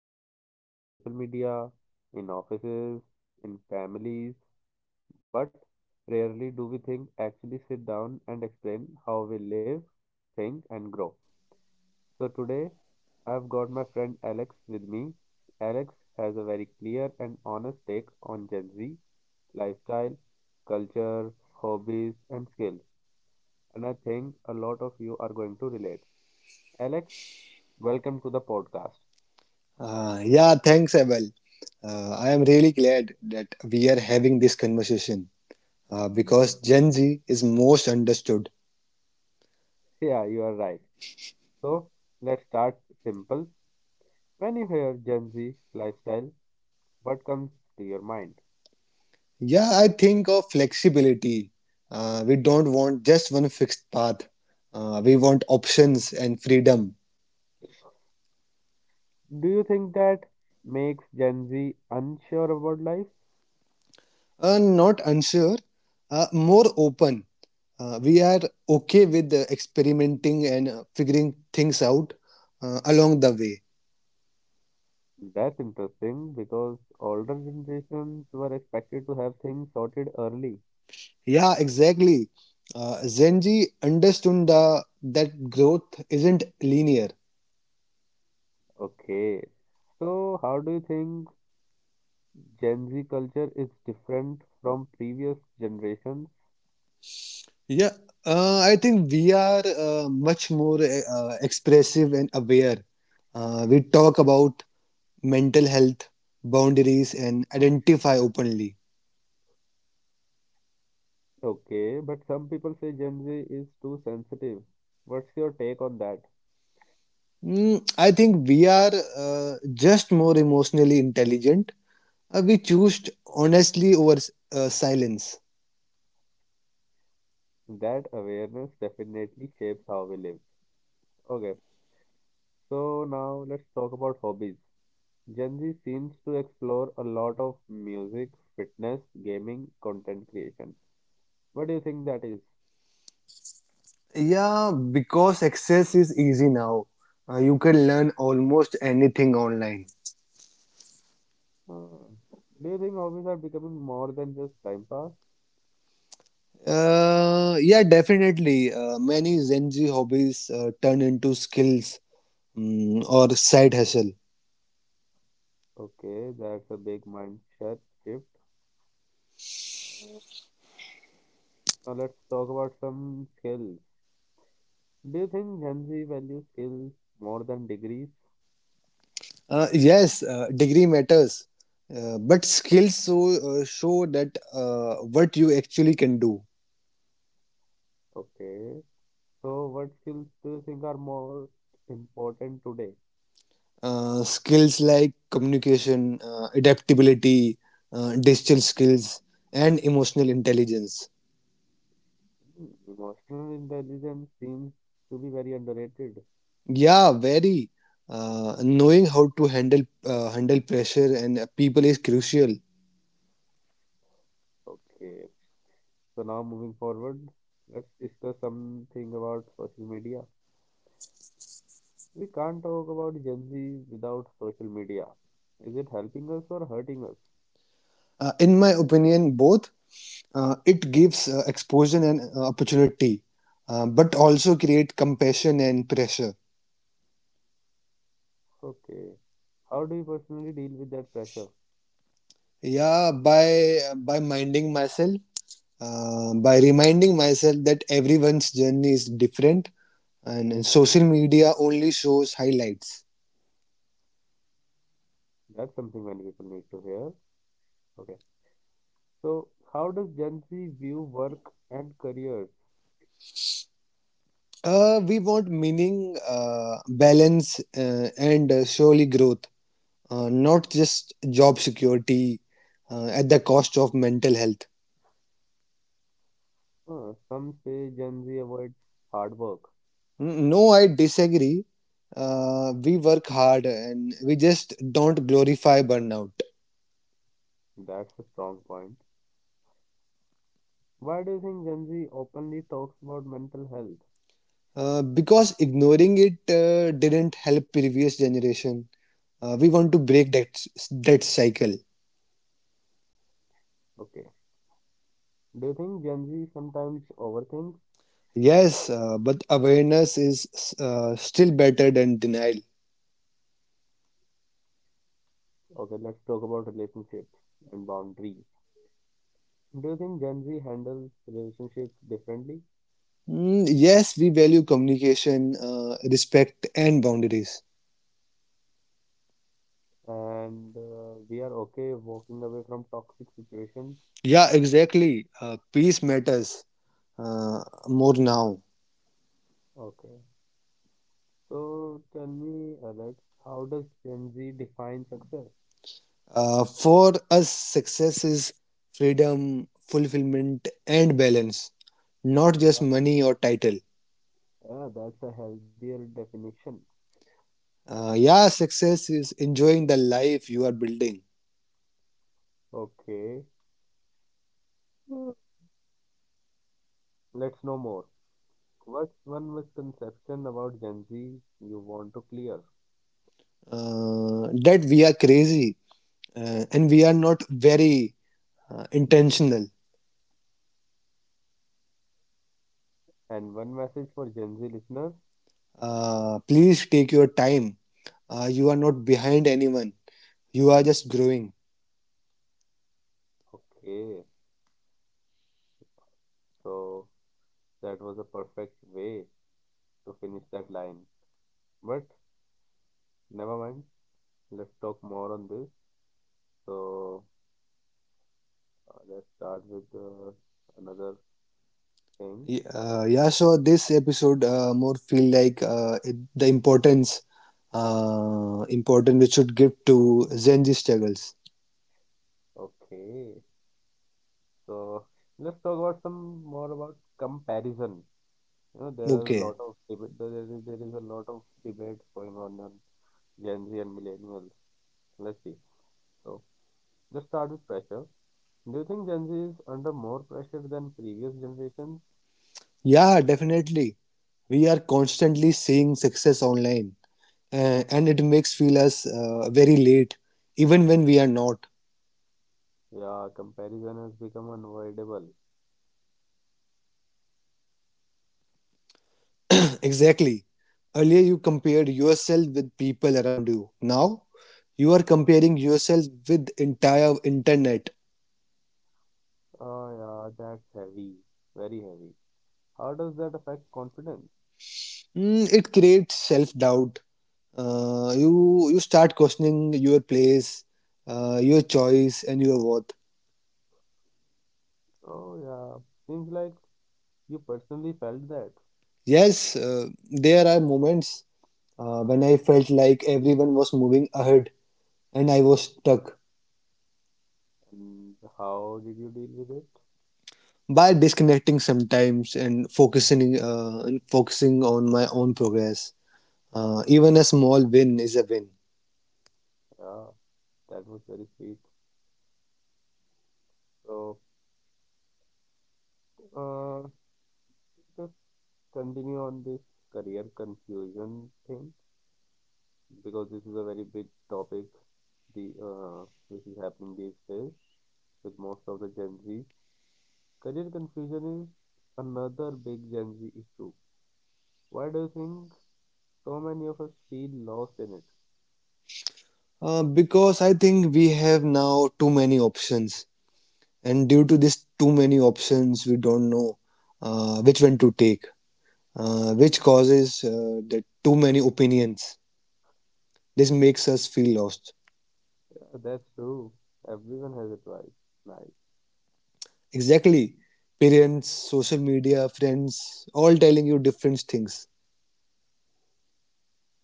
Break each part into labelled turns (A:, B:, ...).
A: everywhere on social media, in offices, in families, but rarely do we think actually sit down and explain how we live, think, and grow. So today I've got my friend Alex with me. Alex has a very clear and honest take on Gen Z lifestyle, culture, hobbies, and skills. And I think a lot of you are going to relate. Alex, welcome to the podcast.
B: Yeah, thanks, Abel. I am really glad that we are having this conversation because Gen Z is most understood.
A: Yeah, you are right. So let's start simple. When you hear Gen Z lifestyle, what comes to your mind?
B: Yeah, I think of flexibility. We don't want just one fixed path, we want options and freedom.
A: Do you think that makes Gen Z unsure about life?
B: Not unsure, more open. We are okay with experimenting and figuring things out along the way.
A: That's interesting because older generations were expected to have things sorted early.
B: Yeah, exactly. Zenji understood that growth isn't linear.
A: Okay. So, how do you think Gen Z culture is different from previous generations?
B: Yeah, I think we are much more expressive and aware. We talk about mental health, boundaries, and identify openly.
A: Okay, but some people say Gen Z is too sensitive. What's your take on that?
B: I think we are just more emotionally intelligent. We choose honestly over silence.
A: That awareness definitely shapes how we live. Okay, so now let's talk about hobbies. Gen Z seems to explore a lot of music, fitness, gaming, content creation. What do you think that is?
B: Yeah, because access is easy now. You can learn almost anything online.
A: Uh, do you think hobbies are becoming more than just time pass?
B: Yeah, definitely. Many Gen Z hobbies turn into skills or side hustle.
A: Okay, that's a big mindset shift. Now let's talk about some skills. Do you think Gen Z values skills more than degrees?
B: Yes, degree matters, but skills so show that what you actually can do.
A: Okay, so what skills do you think are more important today?
B: Skills like communication, adaptability, digital skills, and emotional intelligence.
A: Hmm, emotional intelligence seems to be very underrated.
B: Yeah, very. Knowing how to handle pressure and people is crucial.
A: Okay, so now moving forward, let's discuss something about social media. We can't talk about Gen Z without social media. Is it helping us or hurting us?
B: In my opinion, both, it gives exposure and opportunity, but also create compassion and pressure.
A: Okay. How do you personally deal with that pressure?
B: Yeah, by minding myself, by reminding myself that everyone's journey is different, and social media only shows highlights.
A: That's something many people need to hear. Okay. So, how does Gen Z view work and careers?
B: We want meaning, balance, and surely growth, not just job security at the cost of mental health.
A: Some say Gen Z avoids hard work.
B: No, I disagree. We work hard and we just don't glorify burnout
A: That's a strong point. Why do you think Gen Z openly talks about mental health?
B: because ignoring it didn't help previous generation. We want to break that cycle.
A: Okay. Do you think Gen Z sometimes overthinks?
B: Yes, but awareness is still better than denial.
A: Okay, let's talk about relationships and boundaries. Do you think Gen Z handles relationships differently?
B: Yes, we value communication, respect, and boundaries.
A: And we are okay walking away from toxic situations?
B: Yeah, exactly. Peace matters more now.
A: Okay. So tell me, Alex, how does Gen Z define success?
B: For us, success is freedom, fulfillment, and balance, not just
A: Yeah,
B: money or title.
A: yeah, that's a healthier definition.
B: Yeah, success is enjoying the life you are building.
A: Okay. Hmm. Let's know more. What's one misconception about Gen Z you want to clear?
B: That we are crazy and we are not very intentional.
A: And one message for Gen Z listeners?
B: Please take your time. You are not behind anyone. You are just growing.
A: Okay. So that was a perfect way to finish that line. But never mind. Let's talk more on this. So let's start with another thing.
B: Yeah, so this episode more feel like the importance important we should give to Gen Z struggles.
A: Okay. So let's talk about some more about comparison. You know, there are a
B: Okay.
A: lot of debate. There is a lot of debates going on Gen Z and millennials. Let's see. So let's start with pressure. Do you think Gen Z is under more pressure than previous generations?
B: Yeah, definitely. We are constantly seeing success online, and it makes feel us very late, even when we are not.
A: Yeah, comparison has become unavoidable.
B: Exactly. Earlier, you compared yourself with people around you. Now, you are comparing yourself with entire internet.
A: Oh yeah, that's heavy. Very heavy. How does that affect confidence?
B: It creates self doubt, you start questioning your place, your choice, and your worth.
A: Oh, yeah. Seems like you personally felt that.
B: Yes, there are moments when I felt like everyone was moving ahead and I was stuck.
A: And how did you deal with it?
B: By disconnecting sometimes and focusing on my own progress, even a small win is a win.
A: Yeah, that was very sweet. So, uh, let's continue on this career confusion thing because this is a very big topic the which is happening these days with most of the Gen Z. Career confusion is another big Gen Z issue. Why do you think so many of us feel lost in it?
B: Because I think we have now too many options, and due to this too many options, we don't know which one to take, which causes the too many opinions. This makes us feel lost.
A: Yeah, that's true. Everyone has advice. Nice.
B: Exactly. Parents, social media, friends, all telling you different things.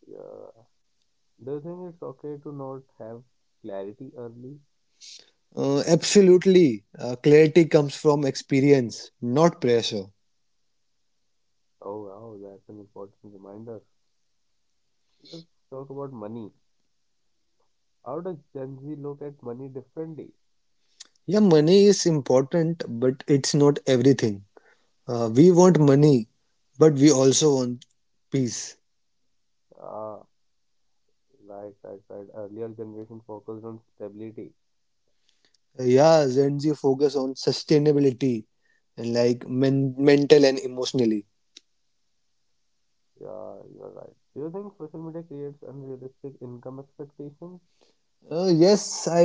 A: Yeah. Do you think it's okay to not have clarity early?
B: Absolutely. Clarity comes from experience, not pressure.
A: Oh, wow, that's an important reminder. Let's talk about money. How does Gen Z look at money differently?
B: Yeah, money is important, but it's not everything. We want money, but we also want peace.
A: Ah, right, right, right. Earlier generation focused on stability.
B: Yeah, Gen Z focus on sustainability and like mental and emotionally.
A: Yeah, you're right. Do you think social media creates unrealistic income expectations?
B: Yes, I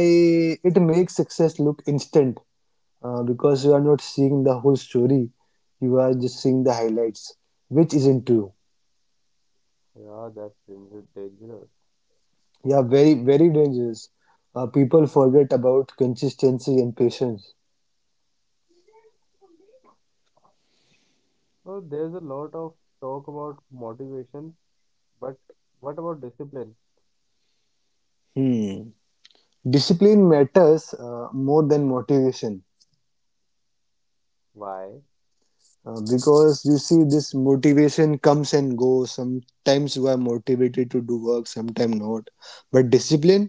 B: it makes success look instant because you are not seeing the whole story. You are just seeing the highlights, which isn't true.
A: Yeah, that's dangerous.
B: Yeah, very dangerous. People forget about consistency and patience.
A: Well, there's a lot of talk about motivation. But what about discipline?
B: Hmm. Discipline matters more than motivation,
A: Why?
B: because you see this motivation comes and goes. Sometimes you are motivated to do work, sometimes not. But discipline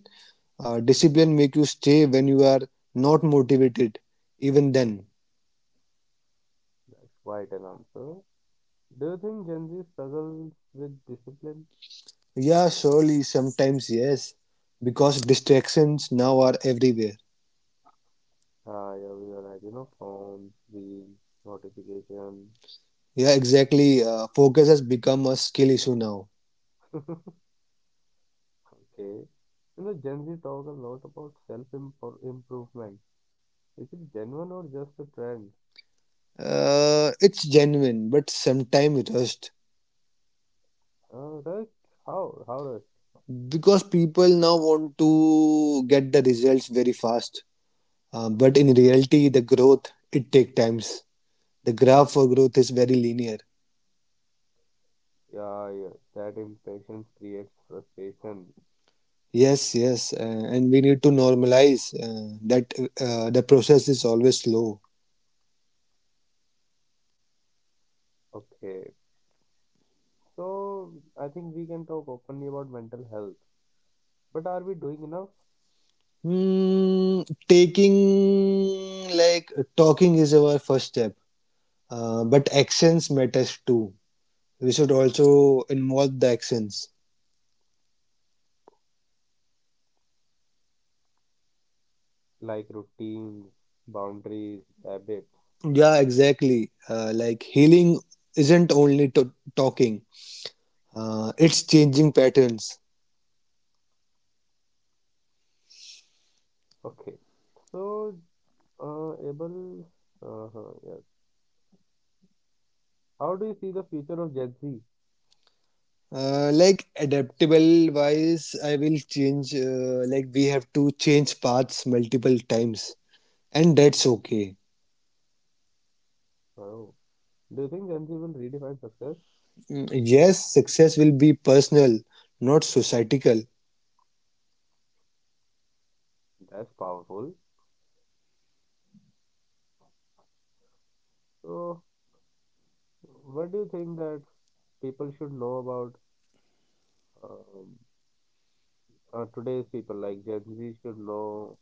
B: Uh, discipline make you stay when you are not motivated, even then.
A: That's quite an answer. Do you think Gen Z struggles with discipline?
B: Yeah, surely sometimes yes, because distractions now are everywhere.
A: Ah, yeah, we are right. You know, phones, reels, notification.
B: Yeah, exactly. Focus has become a skill issue now.
A: Okay. You know, Gen Z talk a lot about self-improvement. Is it genuine or just a trend?
B: It's genuine, but sometimes rushed,
A: Uh, right? Right?
B: because people now want to get the results very fast. But in reality, the growth it take times. The graph for growth is very linear.
A: Yeah, yeah. That impatience creates frustration.
B: Yes, yes, and we need to normalize that the process is always slow.
A: Okay. So, I think we can talk openly about mental health. But are we doing enough?
B: Hmm, taking like talking is our first step, but actions matters too. We should also involve the actions.
A: Like routines, boundaries, habits.
B: Yeah, exactly. Like healing isn't only talking; it's changing patterns.
A: Okay. So, Abel, yes. How do you see the future of Gen Z?
B: Like adaptable wise, I will change. Like we have to change paths multiple times and that's okay.
A: Oh, do you think Gen Z will redefine success?
B: Yes, success will be personal, not societal.
A: That's powerful. So, what do you think that people should know about um, today's people? Like Gen Z should know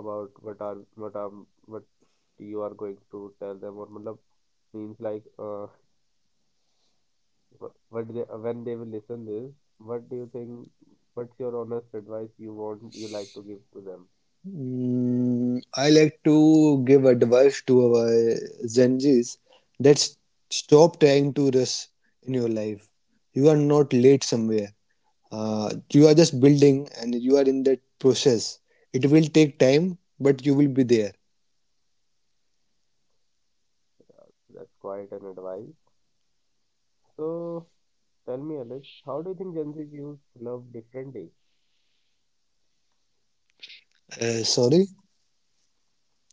A: about what are what you are going to tell them, or matlab means like what they, when they will listen this, what do you think? What's your honest advice you want you like to give to them?
B: I like to give advice to our Gen Zs that stop trying to rush in your life. You are not late somewhere. You are just building and you are in that process. It will take time, but you will be there.
A: That's quite an advice. So tell me, Alex, how do you think Gen Z views love differently?
B: Sorry.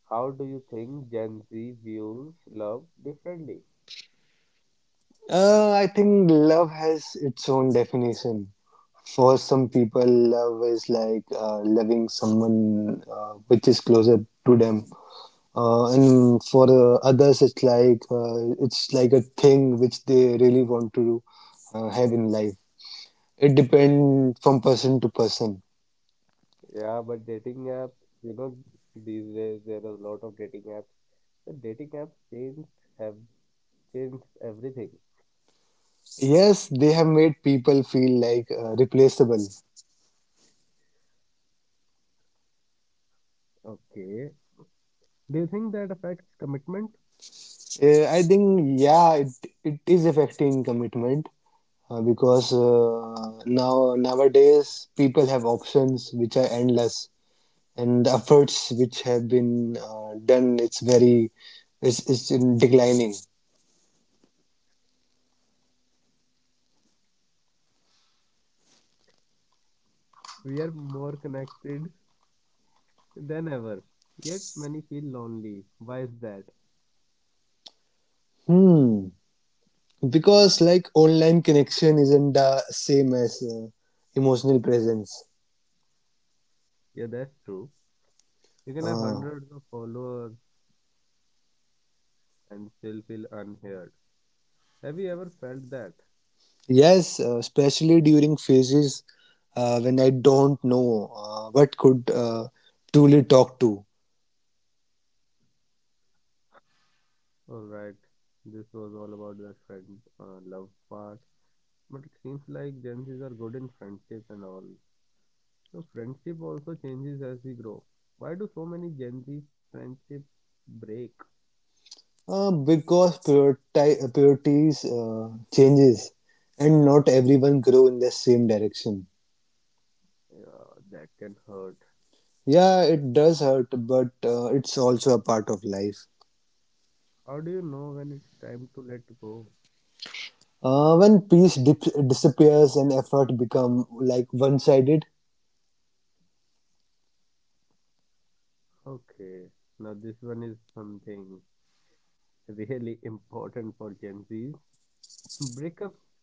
A: How do you think Gen Z views love differently?
B: I think love has its own definition. For some people, love is like loving someone which is closer to them, and for others, it's like a thing which they really want to have in life. It depends from person to person.
A: Yeah, but dating apps, you know, these days there are a lot of dating apps. The dating apps have changed everything.
B: Yes, they have made people feel like replaceable.
A: Okay. Do you think that affects commitment?
B: I think yeah, it is affecting commitment, because nowadays people have options which are endless and efforts which have been done, it's very, it's in declining.
A: We are more connected than ever. Yet many feel lonely. Why is that?
B: Hmm, because like online connection isn't the same as emotional presence.
A: Yeah, that's true. You can have
B: uh,
A: hundreds of followers and still feel unheard. Have you ever felt that?
B: yes uh, especially during phases when I don't know what could truly talk to.
A: Alright, this was all about the friend love part. But it seems like Gen Zs are good in friendship and all. So friendship also changes as we grow. Why do so many Gen Z friendship break?
B: Because priorities changes and not everyone grow in the same direction.
A: Yeah, that can hurt.
B: Yeah, it does hurt, but it's also a part of life.
A: How do you know when it's time to let go?
B: When peace disappears and effort become like one-sided.
A: Okay, now this one is something really important for Gen Zs. Breakups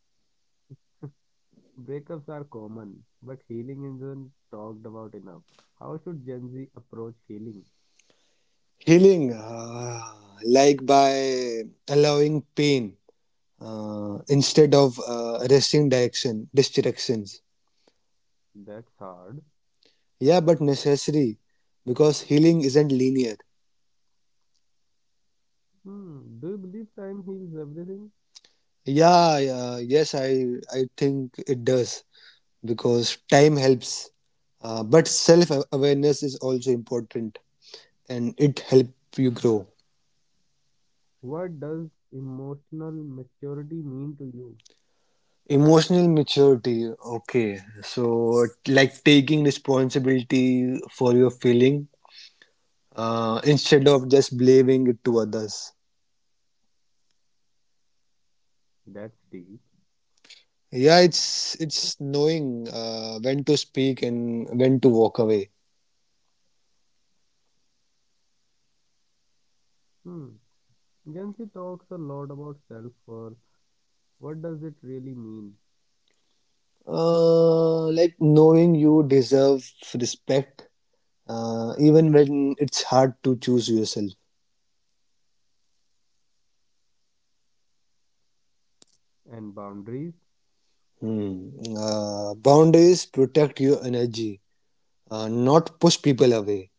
A: Breakups are common, but healing isn't talked about enough. How should Gen Z approach healing?
B: Healing, like by allowing pain instead of resting direction, distractions.
A: That's hard.
B: Yeah, but necessary because healing isn't linear.
A: Hmm. Do you believe time heals everything?
B: Yeah, yeah, yes, I think it does because time helps, but self awareness is also important and it help you grow.
A: What does emotional maturity mean to you?
B: Emotional maturity, okay, so like taking responsibility for your feeling, instead of just blaming it to others.
A: That's deep.
B: Yeah, it's knowing when to speak and when to walk away.
A: Hmm. Gen Z talks a lot about self-worth. What does it really mean?
B: Like knowing you deserve respect, even when it's hard to choose yourself.
A: And boundaries?
B: Hmm. Boundaries protect your energy, not push people away.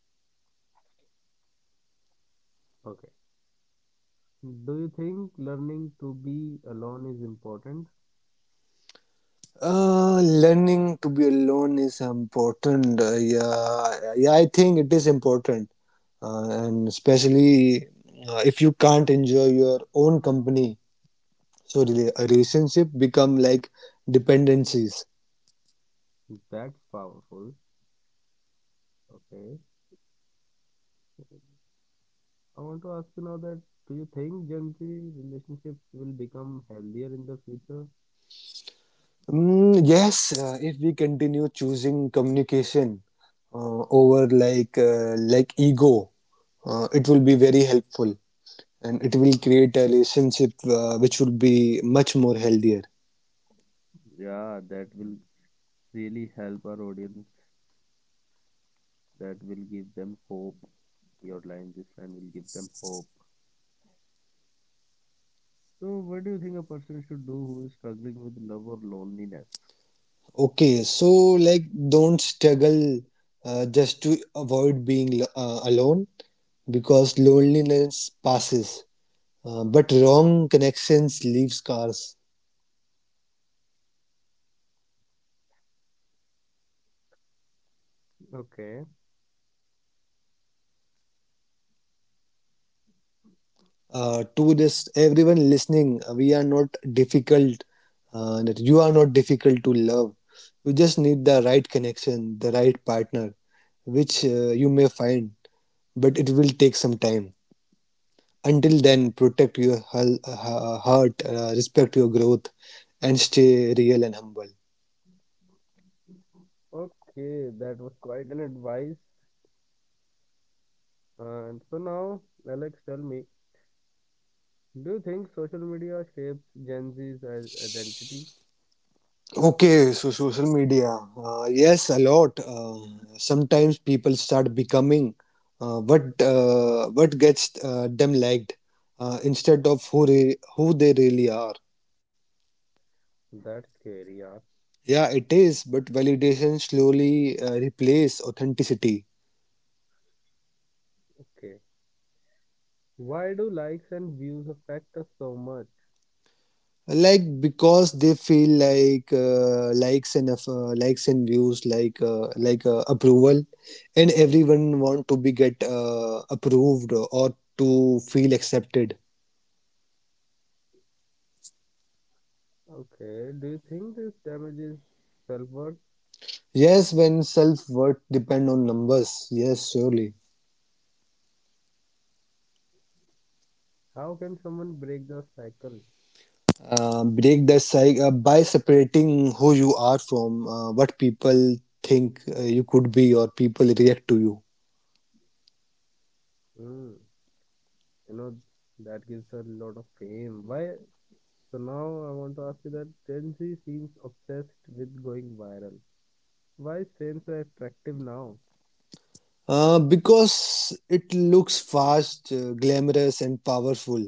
A: Okay. Do you think learning to be alone is important?
B: Learning to be alone is important. Yeah, yeah, I think it is important, and especially if you can't enjoy your own company, so a relationship become like dependencies.
A: That's powerful. Okay. I want to ask you now that do you think Gen Z relationships will become healthier in the future?
B: Yes, if we continue choosing communication over ego, it will be very helpful, and it will create a relationship which will be much more healthier.
A: Yeah, that will really help our audience. That will give them hope. Your line, this line will give them hope. So, what do you think a person should do who is struggling with love or loneliness?
B: Okay, so like don't struggle just to avoid being alone, because loneliness passes. But wrong connections leave scars.
A: Okay.
B: To this, everyone listening, we are not difficult. That you are not difficult to love. You just need the right connection, the right partner, which you may find, but it will take some time. Until then, protect your heart, respect your growth, and stay real and humble.
A: Okay, that was quite an advice. And so now, Alex, tell me, do you think social media shapes Gen Z's identity?
B: Okay, so social media. Yes, a lot. Sometimes people start becoming what gets them liked, instead of who they really are.
A: That's scary, yeah.
B: Yeah, it is, but validation slowly replace authenticity.
A: Okay. Why do likes and views affect us so much?
B: Like, because they feel like likes and views like approval, and everyone want to be get approved or to feel accepted.
A: Okay. Do you think this damages self-worth?
B: Yes, when self-worth depend on numbers, yes, surely.
A: How can someone break the cycle?
B: Break the cycle by separating who you are from what people think you could be or people react to you.
A: Hmm. You know, that gives her a lot of fame. Why? So now I want to ask you that Gen Z seems obsessed with going viral. Why is fame so attractive now?
B: Because it looks fast, glamorous and powerful.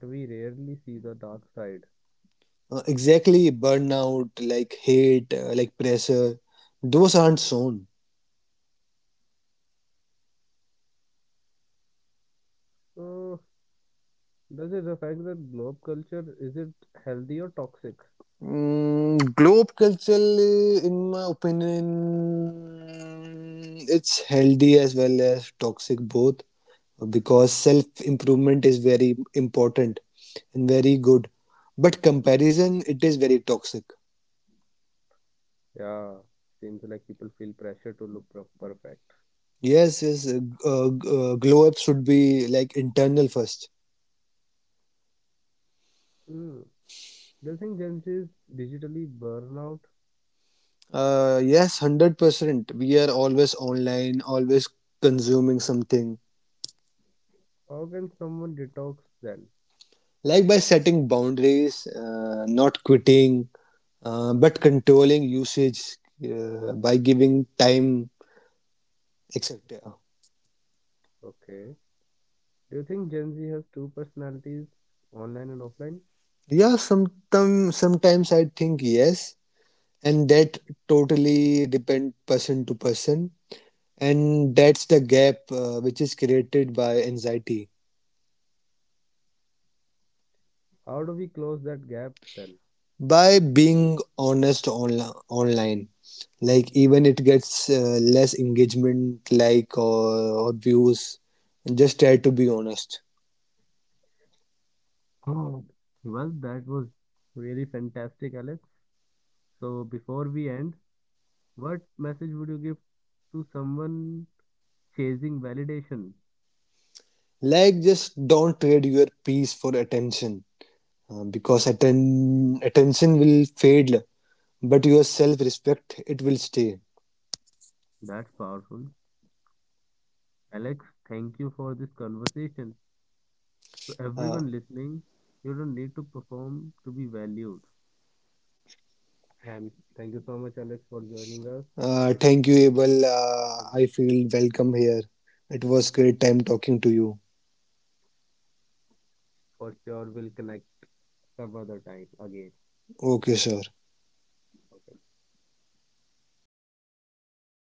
A: But we rarely see the dark side.
B: Exactly, burnout, like hate, like pressure, those aren't shown.
A: So, does it affect the globe culture? Is it healthy or toxic?
B: Globe culture, in my opinion, it's healthy as well as toxic, both, because self improvement is very important and very good. But comparison, it is very toxic.
A: Yeah, seems like people feel pressure to look perfect.
B: Yes, yes, glow up should be like internal first.
A: Hmm. Do you think Gen Z is digitally burnout?
B: Yes, 100%. We are always online, always consuming something.
A: How can someone detox then?
B: Like by setting boundaries, not quitting, but controlling usage by giving time, etc.
A: Okay. Do you think Gen Z has two personalities, online and offline?
B: Yeah, sometimes I think yes, and that totally depend person to person, and that's the gap which is created by anxiety.
A: How do we close that gap then?
B: By being honest online, like even it gets less engagement, like or views, just try to be honest.
A: Oh, well, that was really fantastic, Alex. So before we end, what message would you give to someone chasing validation?
B: Like, just don't trade your peace for attention, because attention will fade, but your self-respect it will stay.
A: That's powerful. Alex, thank you for this conversation. To
B: uh,
A: everyone listening, you don't need to perform to be valued. And thank you so much, Alex, for joining us. It
B: Thank you,
A: was
B: Abel,
A: such
B: I
A: a-
B: feel welcome here. It was great time talking to you.
A: for sure we'll connect some other time again.
B: Okay, sir.
A: Okay.